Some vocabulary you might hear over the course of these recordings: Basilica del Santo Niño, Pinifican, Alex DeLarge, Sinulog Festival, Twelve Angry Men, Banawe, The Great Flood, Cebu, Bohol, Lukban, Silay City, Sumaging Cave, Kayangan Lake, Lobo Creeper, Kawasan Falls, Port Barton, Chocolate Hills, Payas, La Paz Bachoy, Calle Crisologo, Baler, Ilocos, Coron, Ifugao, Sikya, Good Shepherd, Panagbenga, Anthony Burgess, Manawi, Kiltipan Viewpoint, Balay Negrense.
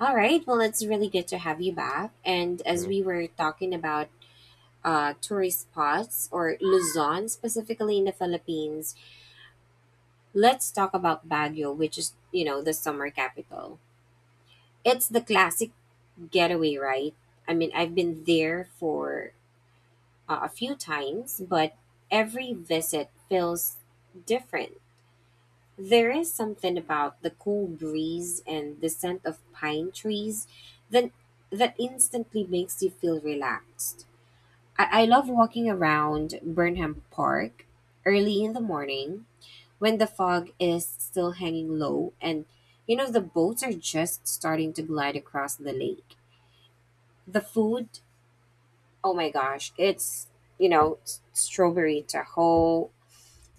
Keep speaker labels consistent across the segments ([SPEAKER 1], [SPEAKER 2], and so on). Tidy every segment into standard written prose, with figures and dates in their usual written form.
[SPEAKER 1] All right. Well, it's really good to have you back. And as
[SPEAKER 2] Mm,
[SPEAKER 1] we were talking about tourist spots or Luzon, specifically in the Philippines, let's talk about Baguio, which is, you know, the summer capital. It's the classic getaway, right? I mean, I've been there for a few times, but every visit feels different. There is something about the cool breeze and the scent of pine trees that that instantly makes you feel relaxed. I love walking around Burnham Park early in the morning when the fog is still hanging low and you know the boats are just starting to glide across the lake. The food, oh my gosh, it's strawberry tahoe,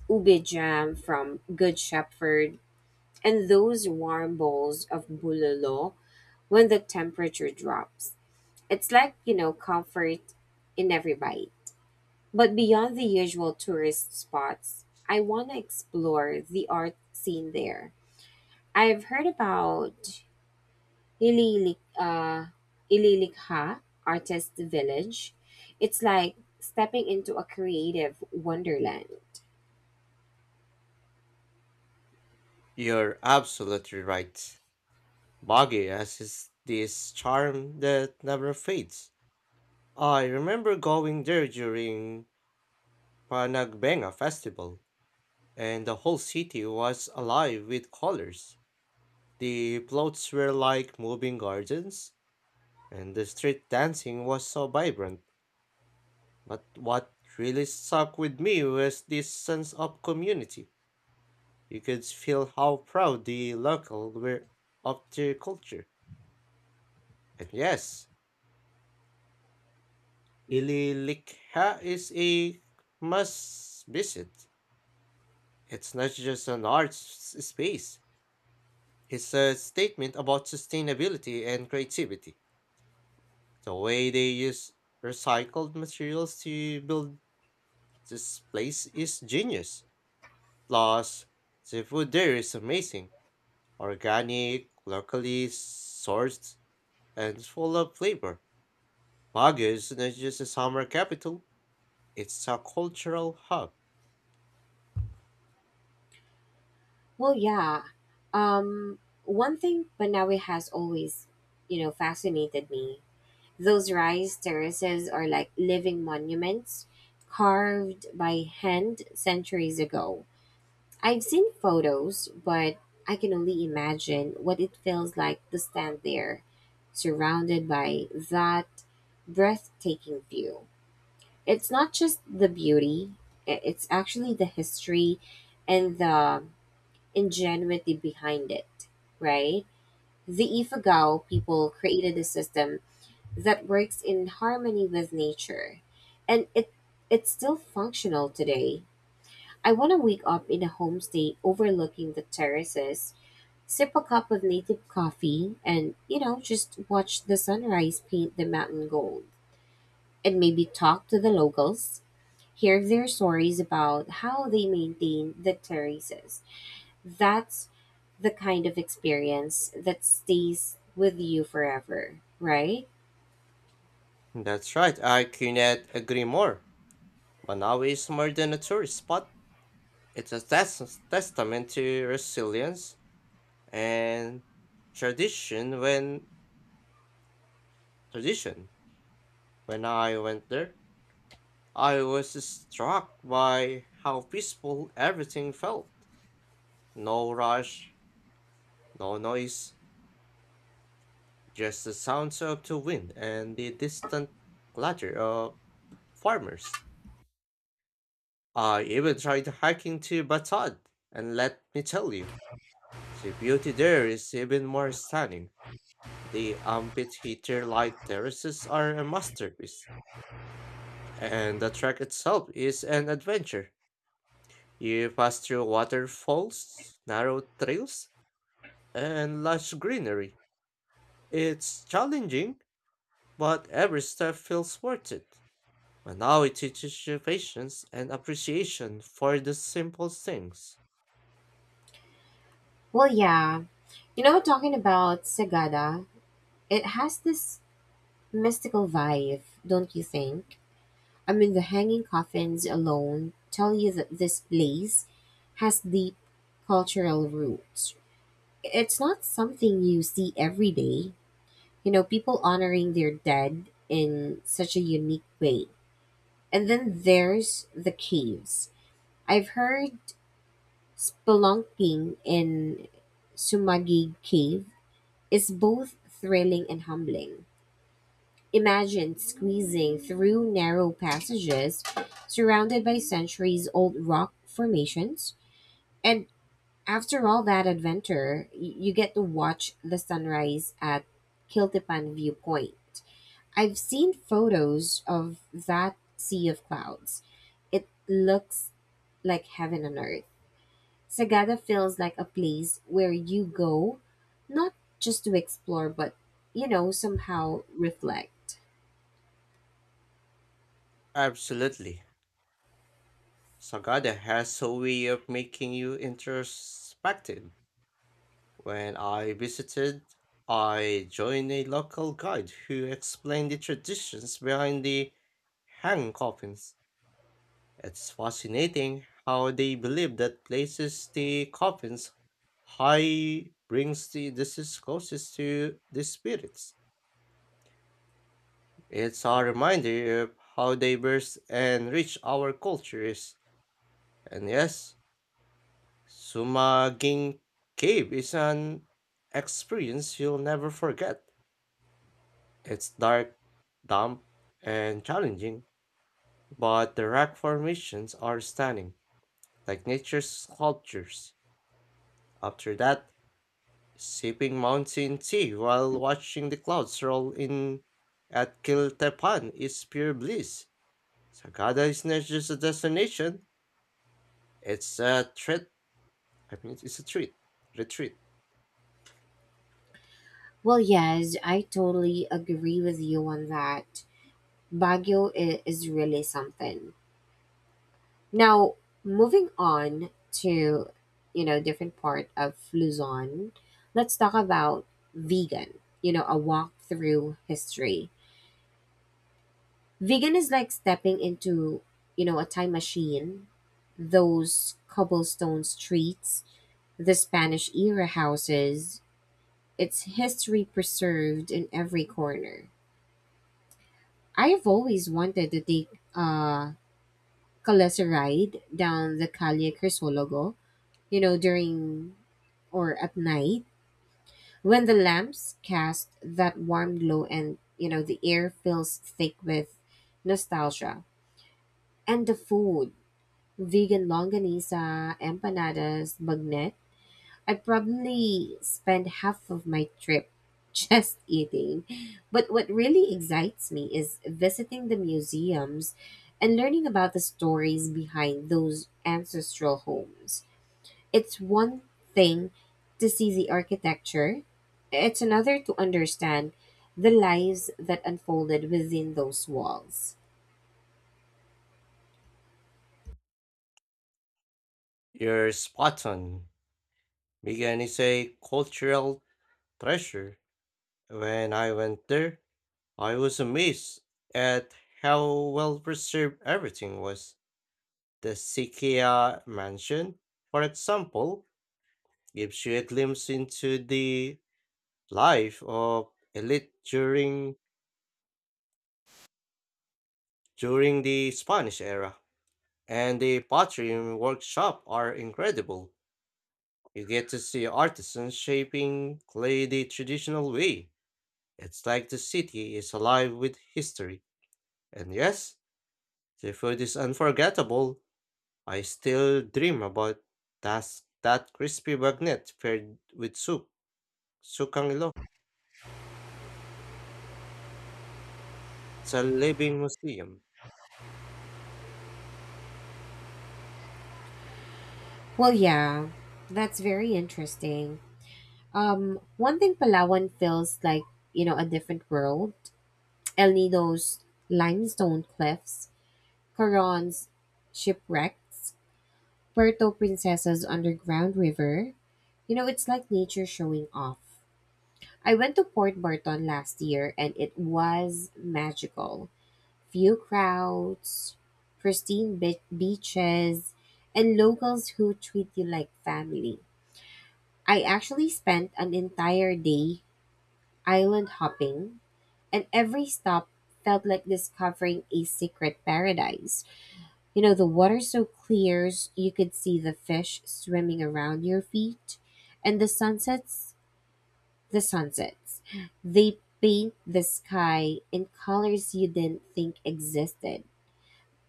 [SPEAKER 1] ube jam from Good Shepherd and those warm bowls of bulalo when the temperature drops. It's like, you know, comfort in every bite. But beyond the usual tourist spots, I want to explore the art scene there. I've heard about Ililik, uh, Ililikha Artist Village. It's like stepping into a creative wonderland.
[SPEAKER 2] you're absolutely right. Bagi has his, this charm that never fades. I remember going there during Panagbenga festival, and the whole city was alive with colors. The floats were like moving gardens, and the street dancing was so vibrant. But what really stuck with me was this sense of community. You could feel how proud the local were of their culture. And yes, Ililikha is a must visit. It's not just an art space, it's a statement about sustainability and creativity. The way they use recycled materials to build this place is genius. Plus, the food there is amazing organic, locally sourced, and full of flavor. Baguio is not just a summer capital, it's a cultural hub.
[SPEAKER 1] Well, yeah. Um, one thing, Banawe has always, you know, fascinated me. Those rice terraces are like living monuments carved by hand centuries ago. I've seen photos, but I can only imagine what it feels like to stand there, surrounded by that breathtaking view. It's not just the beauty, it's actually the history and the ingenuity behind it, right? The Ifugao people created a system that works in harmony with nature, and it's still functional today. I want to wake up in a homestay overlooking the terraces, sip a cup of native coffee, and you know just watch the sunrise paint the mountain gold, and maybe talk to the locals, hear their stories about how they maintain the terraces. That's the kind of experience that stays with you forever, right?
[SPEAKER 2] That's right, I cannot agree more. Manawi is more than a tourist spot. It's a testament to resilience and tradition when tradition. When I went there, I was struck by how peaceful everything felt. No rush, no noise, just the sounds of the wind and the distant clatter of farmers. I even tried hiking to Batad, and let me tell you, the beauty there is even more stunning. The amphitheater like terraces are a masterpiece, and the track itself is an adventure. You pass through waterfalls, narrow trails, and lush greenery. It's challenging, but every step feels worth it. Manawi teaches you patience and appreciation for the simple things.
[SPEAKER 1] Well, yeah. You know, talking about Sagada, it has this mystical vibe, don't you think? I mean, the hanging coffins alone tell you that this place has deep cultural roots. It's not something you see every day. You know, people honoring their dead in such a unique way. And then there's the caves. I've heard spelunking in Sumagig Cave is both thrilling and humbling. Imagine squeezing through narrow passages surrounded by centuries old rock formations. And after all that adventure, you get to watch the sunrise at Kiltipan Viewpoint. I've seen photos of that sea of clouds. It looks like heaven on earth. Sagada feels like a place where you go, not just to explore, but, you know, somehow reflect.
[SPEAKER 2] Absolutely. Sagada has a way of making you introspective. When I visited, I joined a local guide who explained the traditions behind the hanging coffins. It's fascinating how they believe that places the coffins high brings the deceased closest to the spirits. It's a reminder of how diverse and rich our culture is. And yes, Sumaging Cave is an experience you'll never forget. It's dark, damp, and challenging, but the rock formations are stunning, like nature's sculptures. After that, sipping mountain tea while watching the clouds roll in at Kiltepan is pure bliss. Sagada is not just a destination, it's a treat. I mean, it's a treat. Retreat.
[SPEAKER 1] Well, yes, I totally agree with you on that. Baguio is really something. Now, moving on to, you know, different part of Luzon, let's talk about Vegan, you know, a walk through history. Vegan is like stepping into, you know, a time machine. Those cobblestone streets, the Spanish era houses, it's history preserved in every corner. I have always wanted to take a Calesa ride down the Calle Crisologo, you know, during or at night when the lamps cast that warm glow and, you know, the air feels thick with nostalgia. And the food, Vegan longanisa, empanadas, bagnet. I probably spend half of my trip just eating. But what really excites me is visiting the museums and learning about the stories behind those ancestral homes. It's one thing to see the architecture, it's another to understand the lives that unfolded within those walls.
[SPEAKER 2] You're spot on. Migan is a cultural treasure. When I went there, I was amazed at how well preserved everything was. The Sikya mansion, for example, gives you a glimpse into the life of elite during the Spanish era. And the pottery workshop are incredible. You get to see artisans shaping clay the traditional way. It's like the city is alive with history. And yes, the food is unforgettable. I still dream about that that crispy bagnet paired with soup, sukang ilo. It's a living museum.
[SPEAKER 1] Well, yeah, that's very interesting. One thing, Palawan feels like, you know, a different world. El Nido's limestone cliffs, Coron's shipwrecks, Puerto Princesa's underground river. You know, it's like nature showing off. I went to Port Barton last year and it was magical. Few crowds, pristine beaches, and locals who treat you like family. I actually spent an entire day island hopping and every stop felt like discovering a secret paradise. You know, the water so clear you could see the fish swimming around your feet, and the sunsets, the sunsets, they paint the sky in colors you didn't think existed.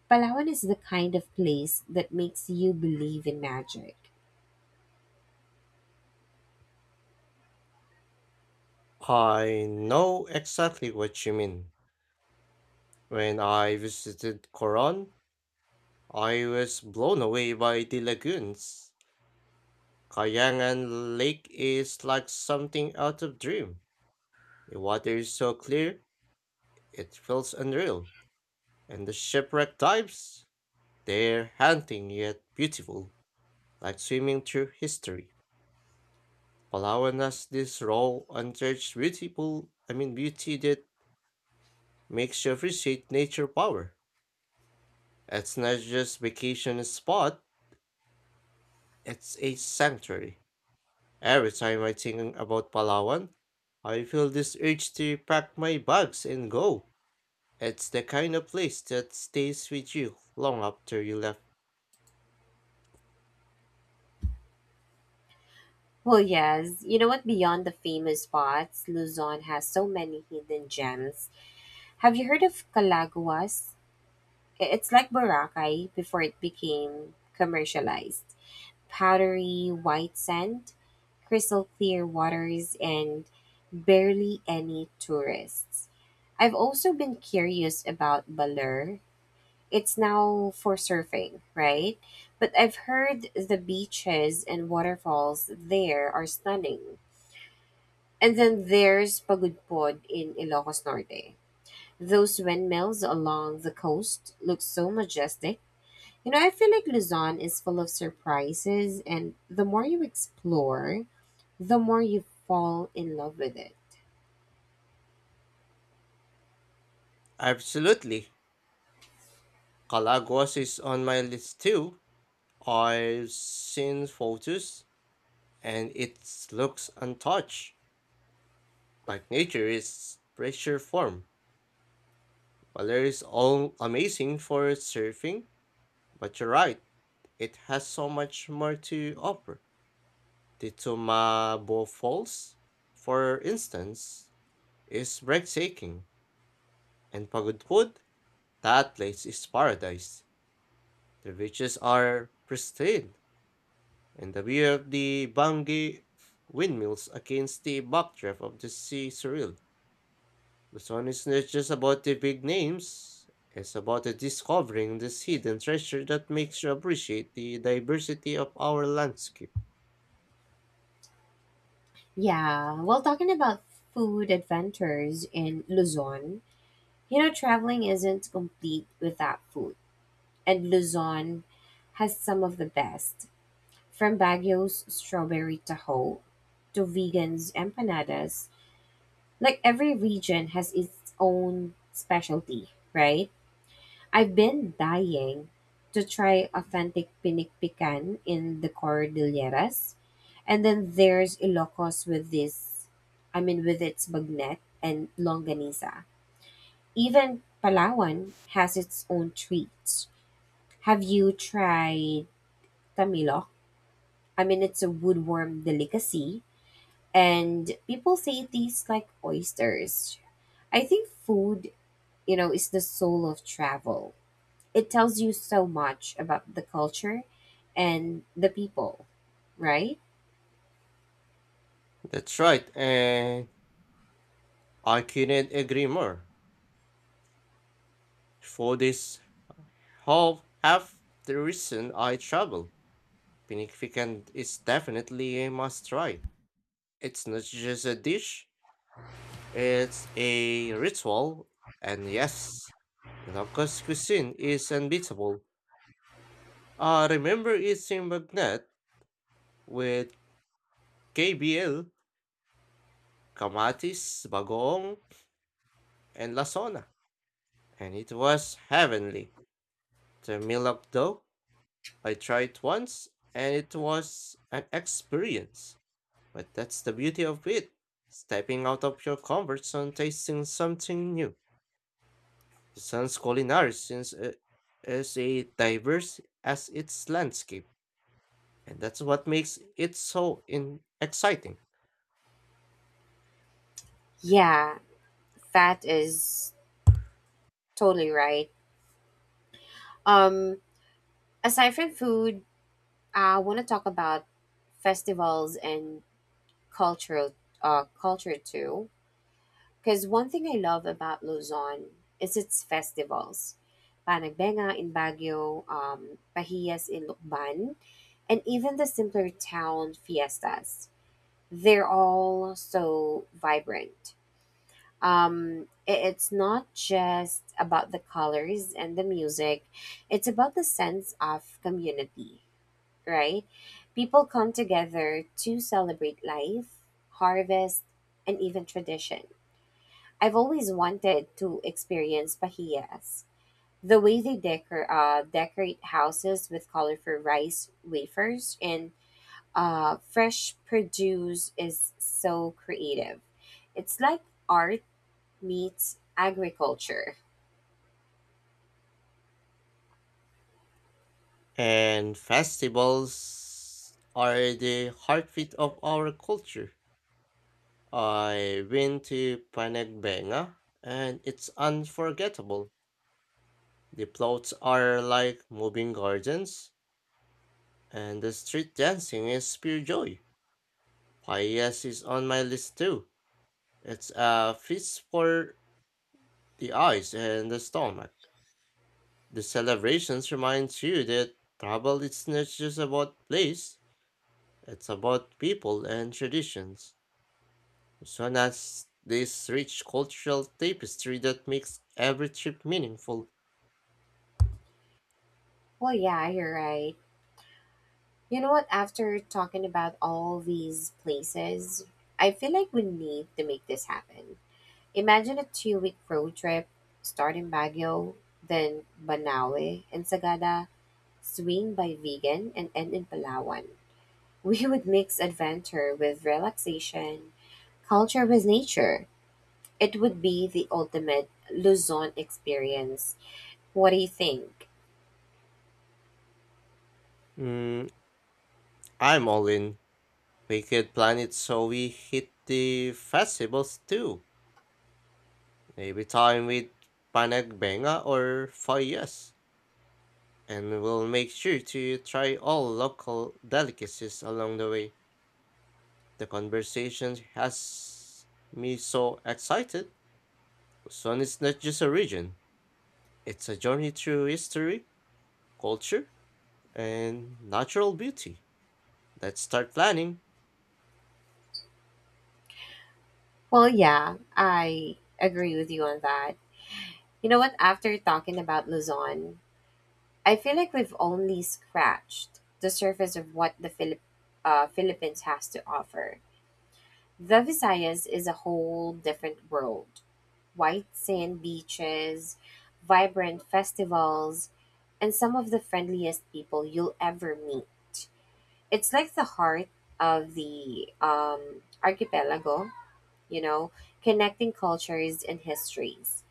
[SPEAKER 1] Palawan is the kind of place that makes you believe in magic.
[SPEAKER 2] I know exactly what you mean. When I visited Coron, I was blown away by the lagoons. Kayangan Lake is like something out of dream. The water is so clear, it feels unreal. And the shipwreck dives, they're haunting yet beautiful, like swimming through history. Allowing us this raw, untouched, beautiful, I mean, beauty that makes you appreciate nature power. It's not just vacation spot, it's a sanctuary. Every time I think about Palawan, I feel this urge to pack my bags and go. It's the kind of place that stays with you long after you left.
[SPEAKER 1] Well, yes. You know what? Beyond the famous spots, Luzon has so many hidden gems. Have you heard of Calaguas? It's like Boracay before it became commercialized. Powdery white sand, crystal clear waters, and barely any tourists. I've also been curious about Baler. It's now for surfing, right? But I've heard the beaches and waterfalls there are stunning. And then there's Pagudpod in Ilocos Norte. Those windmills along the coast look so majestic. You know, I feel like Luzon is full of surprises, and the more you explore, the more you fall in love with it.
[SPEAKER 2] Absolutely. Calagos is on my list too. I've seen photos and it looks untouched. Like nature is pressure form. While is all amazing for surfing, but you're right, it has so much more to offer. The Tumabo Falls, for instance, is breathtaking, and Pagudpud, that place is paradise. The beaches are pristine, and the view of the Bangi windmills against the backdrop of the sea surreal. The song is not just about the big names, it's about the discovering this hidden treasure that makes you appreciate the diversity of our landscape.
[SPEAKER 1] Yeah, well, talking about food adventures in Luzon, you know, traveling isn't complete without food, and Luzon has some of the best. From Baguio's strawberry taho to Vegan's empanadas, like every region has its own specialty, right? I've been dying to try authentic pinik pican in the Cordilleras. And then there's Ilocos with I mean, with its bagnet and longanisa. Even Palawan has its own treats. Have you tried tamilok? I mean, it's a woodworm delicacy, and people say it tastes like oysters. I think food, you know, is the soul of travel. It tells you so much about the culture and the people, right?
[SPEAKER 2] That's right, and I couldn't agree more. For this whole half the reason I travel, Pinifican is definitely a must try. It's not just a dish, it's a ritual, and yes, Ilocos cuisine is unbeatable. I remember eating magnet with KBL, Kamatis, Bagoong, and Lasona, and it was heavenly. The Milok though, I tried once, and it was an experience. But that's the beauty of it. Stepping out of your comfort zone, tasting something new. Busan's culinary since is a diverse as its landscape, and that's what makes it so exciting.
[SPEAKER 1] Yeah, that is totally right. Um, aside from food, I want to talk about festivals and cultural culture too. Because one thing I love about Luzon is its festivals. Panagbenga in Baguio, Pahias in Lukban, and even the simpler town fiestas. They're all so vibrant. It's not just about the colors and the music, it's about the sense of community, right? People come together to celebrate life, harvest, and even tradition. I've always wanted to experience pahiyas. The way they decorate houses with colorful rice wafers and fresh produce is so creative. It's like art meets agriculture.
[SPEAKER 2] And festivals are the heartbeat of our culture. I went to Panagbenga and it's unforgettable. The floats are like moving gardens and the street dancing is pure joy. Payas is on my list too. It's a feast for the eyes and the stomach. The celebrations reminds you that travel is not just about place, it's about people and traditions. Rosana's this rich cultural tapestry that makes every trip meaningful.
[SPEAKER 1] Well, yeah, you're right. You know what? After talking about all these places, I feel like we need to make this happen. Imagine a 2-week road trip, start in Baguio, then Banaue, and Sagada, swing by Vegan, and end in Palawan. We would mix adventure with relaxation, culture with nature. It would be the ultimate Luzon experience. What do you think?
[SPEAKER 2] Mm, I'm all in. We could plan it so we hit the festivals too. Maybe time with Panagbenga or Fayas. And we'll make sure to try all local delicacies along the way. The conversation has me so excited. Luzon is not just a region, it's a journey through history, culture, and natural beauty. Let's start planning.
[SPEAKER 1] Well, yeah, I agree with you on that. You know what? After talking about Luzon, I feel like we've only scratched the surface of what the Philippines has to offer. The Visayas is a whole different world. White sand beaches, vibrant festivals, and some of the friendliest people you'll ever meet. It's like the heart of the archipelago, you know, connecting cultures and histories.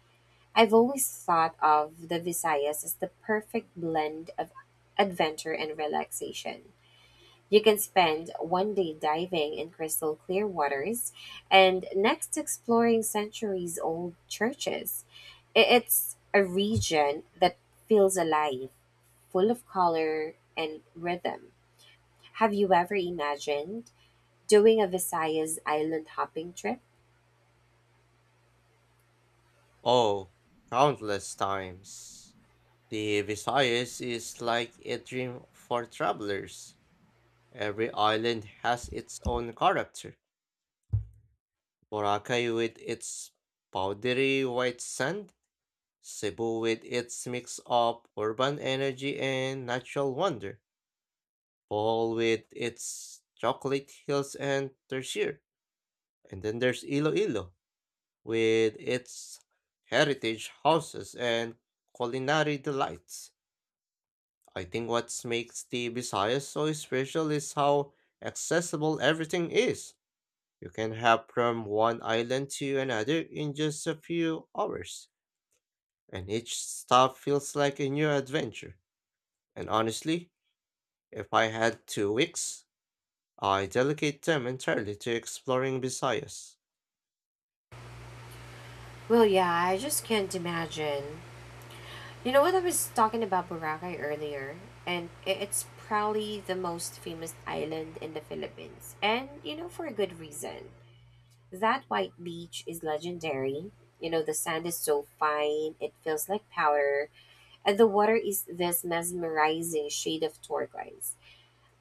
[SPEAKER 1] I've always thought of the Visayas as the perfect blend of adventure and relaxation. You can spend one day diving in crystal clear waters and next exploring centuries old churches. It's a region that feels alive, full of color and rhythm. Have you ever imagined doing a Visayas island hopping trip?
[SPEAKER 2] Oh, countless times. The Visayas is like a dream for travelers. Every island has its own character. Boracay with its powdery white sand, Cebu with its mix of urban energy and natural wonder, Bohol with its chocolate hills and tertiary, and then there's Iloilo with its heritage houses and culinary delights. I think what makes the Visayas so special is how accessible everything is. You can hop from one island to another in just a few hours, and each stop feels like a new adventure. And honestly, if I had 2 weeks, I dedicate them entirely to exploring Visayas.
[SPEAKER 1] Well, yeah, I just can't imagine. You know what, I was talking about Boracay earlier, and it's probably the most famous island in the Philippines, and you know for a good reason. That white beach is legendary. You know the sand is so fine, it feels like powder, and the water is this mesmerizing shade of turquoise.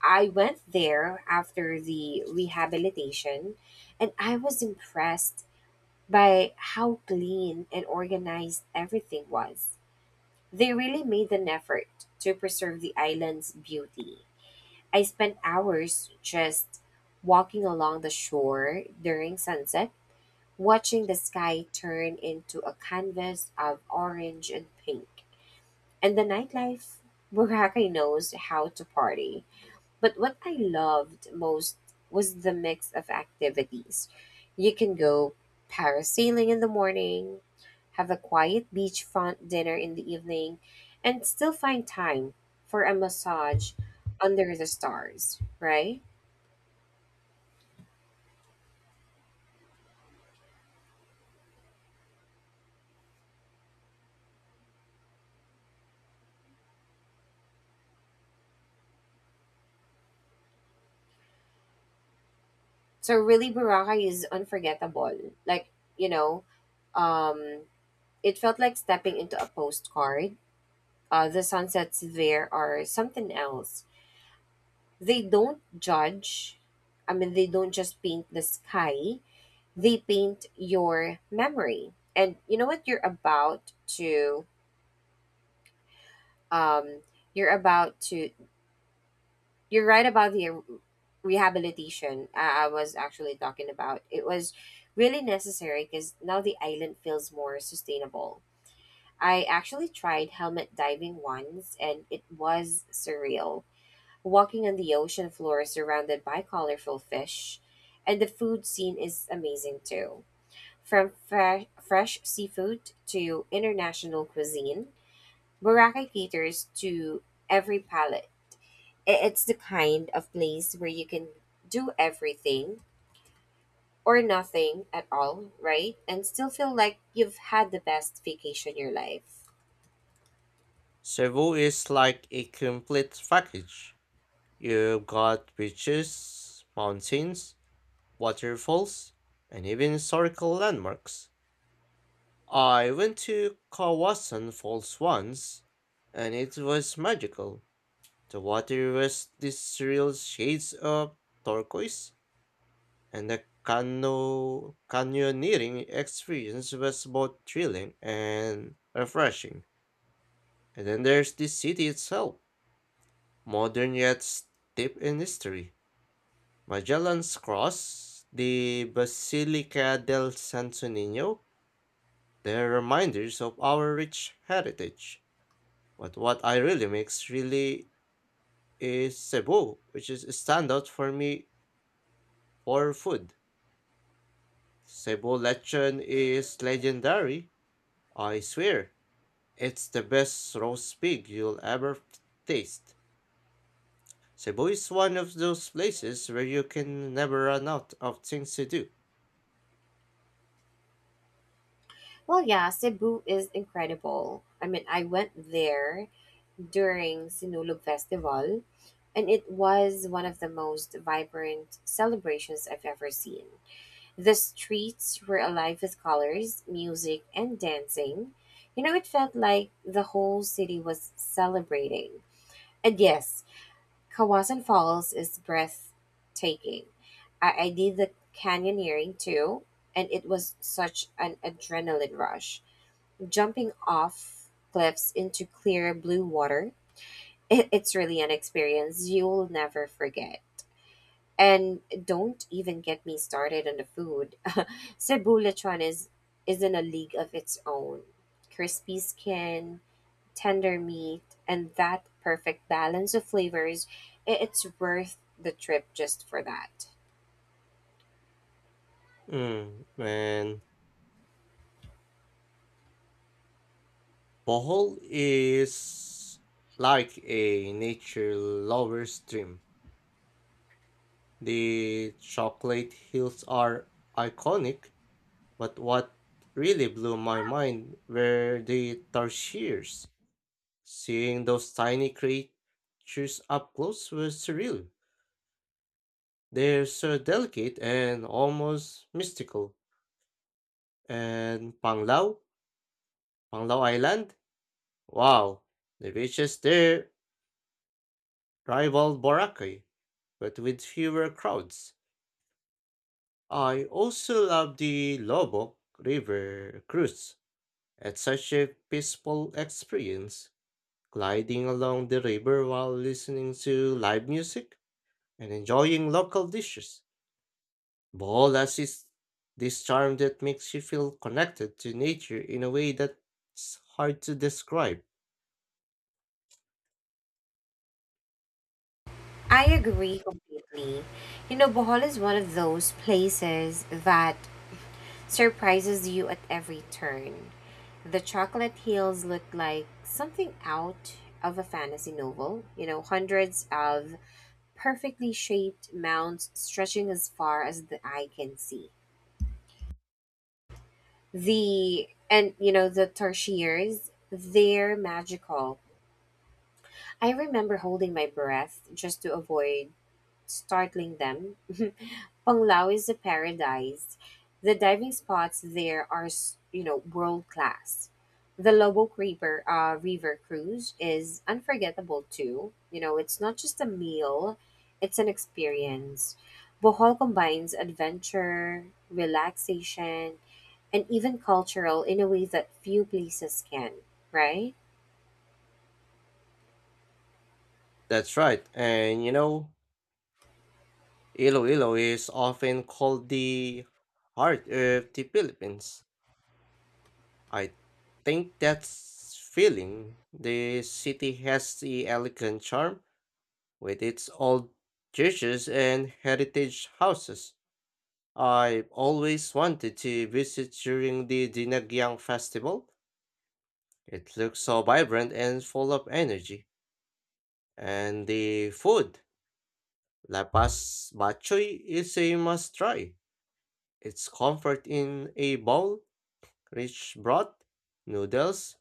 [SPEAKER 1] I went there after the rehabilitation, and I was impressed by how clean and organized everything was. They really made an effort to preserve the island's beauty. I spent hours just walking along the shore during sunset, watching the sky turn into a canvas of orange and pink. And the nightlife, Boracay knows how to party. But what I loved most was the mix of activities. You can go parasailing in the morning, have a quiet beachfront dinner in the evening, and still find time for a massage under the stars, right? So really Boracay is unforgettable. Like, you know, um it felt like stepping into a postcard. The sunsets there are something else. They don't judge. I mean, they don't just paint the sky, they paint your memory. And you know what you're about to um you're about to you're right about the rehabilitation. I was actually talking about. It was really necessary because now the island feels more sustainable. I actually tried helmet diving once and it was surreal. Walking on the ocean floor surrounded by colorful fish, and the food scene is amazing too. From fresh seafood to international cuisine, Boracay caters to every palate. It's the kind of place where you can do everything or nothing at all, right? And still feel like you've had the best vacation of your life.
[SPEAKER 2] Cebu is like a complete package. You've got beaches, mountains, waterfalls, and even historical landmarks. I went to Kawasan Falls once, and it was magical. The water was these surreal shades of turquoise, and the canyoneering experience was both thrilling and refreshing. And then there's the city itself, modern yet steeped in history. Magellan's Cross, the Basilica del Santo Niño, they're reminders of our rich heritage. But what I really makes really is Cebu, which is a standout for me for food. Cebu lechon is legendary, I swear. It's the best roast pig you'll ever taste. Cebu is one of those places where you can never run out of things to do.
[SPEAKER 1] Well, yeah, Cebu is incredible. I mean, I went there during Sinulog Festival, and it was one of the most vibrant celebrations I've ever seen. The streets were alive with colors, music, and dancing. You know, it felt like the whole city was celebrating. And yes, Kawasan Falls is breathtaking. I did the canyoneering too, and it was such an adrenaline rush. Jumping off cliffs into clear blue water, it's really an experience you'll never forget. And don't even get me started on the food. Cebu lechon is in a league of its own. Crispy skin, tender meat, and that perfect balance of flavors. It's worth the trip just for that.
[SPEAKER 2] Mm, man. Bohol is like a nature lover's dream. The chocolate hills are iconic, but what really blew my mind were the tarsiers. Seeing those tiny creatures up close was surreal. They're so delicate and almost mystical. And Panglao, Panglao Island, wow, the beaches there rival Boracay, but with fewer crowds. I also love the Lobok River cruise. It's such a peaceful experience, gliding along the river while listening to live music and enjoying local dishes. Boholas is this charm that makes you feel connected to nature in a way that's hard to describe.
[SPEAKER 1] I agree completely. You know, Bohol is one of those places that surprises you at every turn. The chocolate hills look like something out of a fantasy novel, you know, hundreds of perfectly shaped mounds stretching as far as the eye can see. The And you know the tertiaries, they're magical. I remember holding my breath just to avoid startling them. Panglao is a paradise. The diving spots there are, you know, world class. The Lobo Creeper River Cruise is unforgettable too. You know, it's not just a meal, it's an experience. Bohol combines adventure, relaxation, and even cultural in a way that few places can, right?
[SPEAKER 2] That's right, and you know, Iloilo is often called the heart of the Philippines. I think that's feeling. The city has the elegant charm with its old churches and heritage houses. I've always wanted to visit during the Dinagyang Festival. It looks so vibrant and full of energy. And the food, Lapas Bachoy, is a must try. It's comfort in a bowl rich broth, noodles,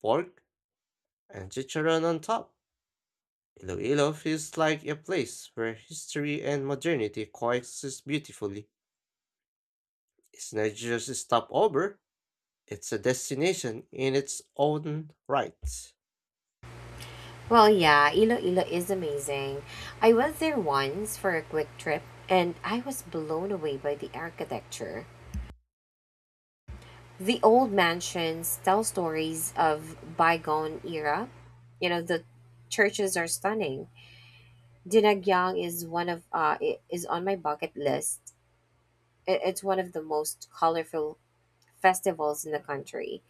[SPEAKER 2] pork, and chicharron on top. Iloilo feels like a place where history and modernity coexist beautifully. It's not just a stopover, it's a destination in its own right.
[SPEAKER 1] Well, yeah, Iloilo is amazing. I was there once for a quick trip and I was blown away by the architecture. The old mansions tell stories of bygone era. You know, the churches are stunning. Dinagyang is on my bucket list. It's one of the most colorful festivals in the country.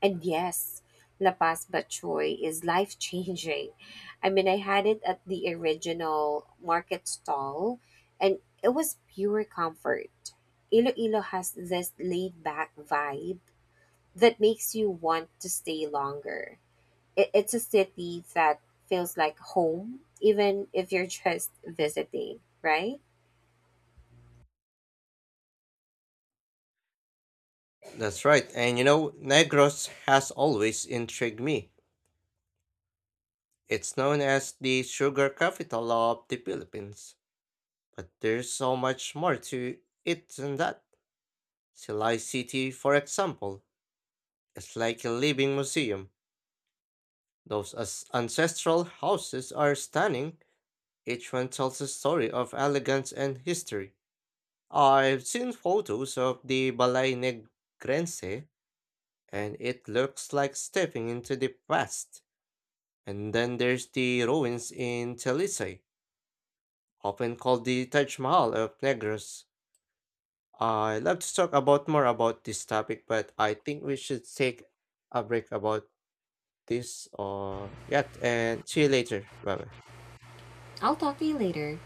[SPEAKER 1] And yes, La Paz Bachoy is life changing. I mean, I had it at the original market stall and it was pure comfort. Iloilo has this laid back vibe that makes you want to stay longer. It's a city that feels like home, even if you're just visiting, right?
[SPEAKER 2] That's right, and you know, Negros has always intrigued me. It's known as the sugar capital of the Philippines, but there's so much more to it than that. Silay City, for example, it's like a living museum. Those ancestral houses are stunning. Each one tells a story of elegance and history. I've seen photos of the Balay Negrense, and it looks like stepping into the past. And then there's the ruins in Talisay, often called the Taj Mahal of Negros. I love to talk about more about this topic, but I think we should take a break about this or yet and see you later. Bye bye.
[SPEAKER 1] I'll talk to you later.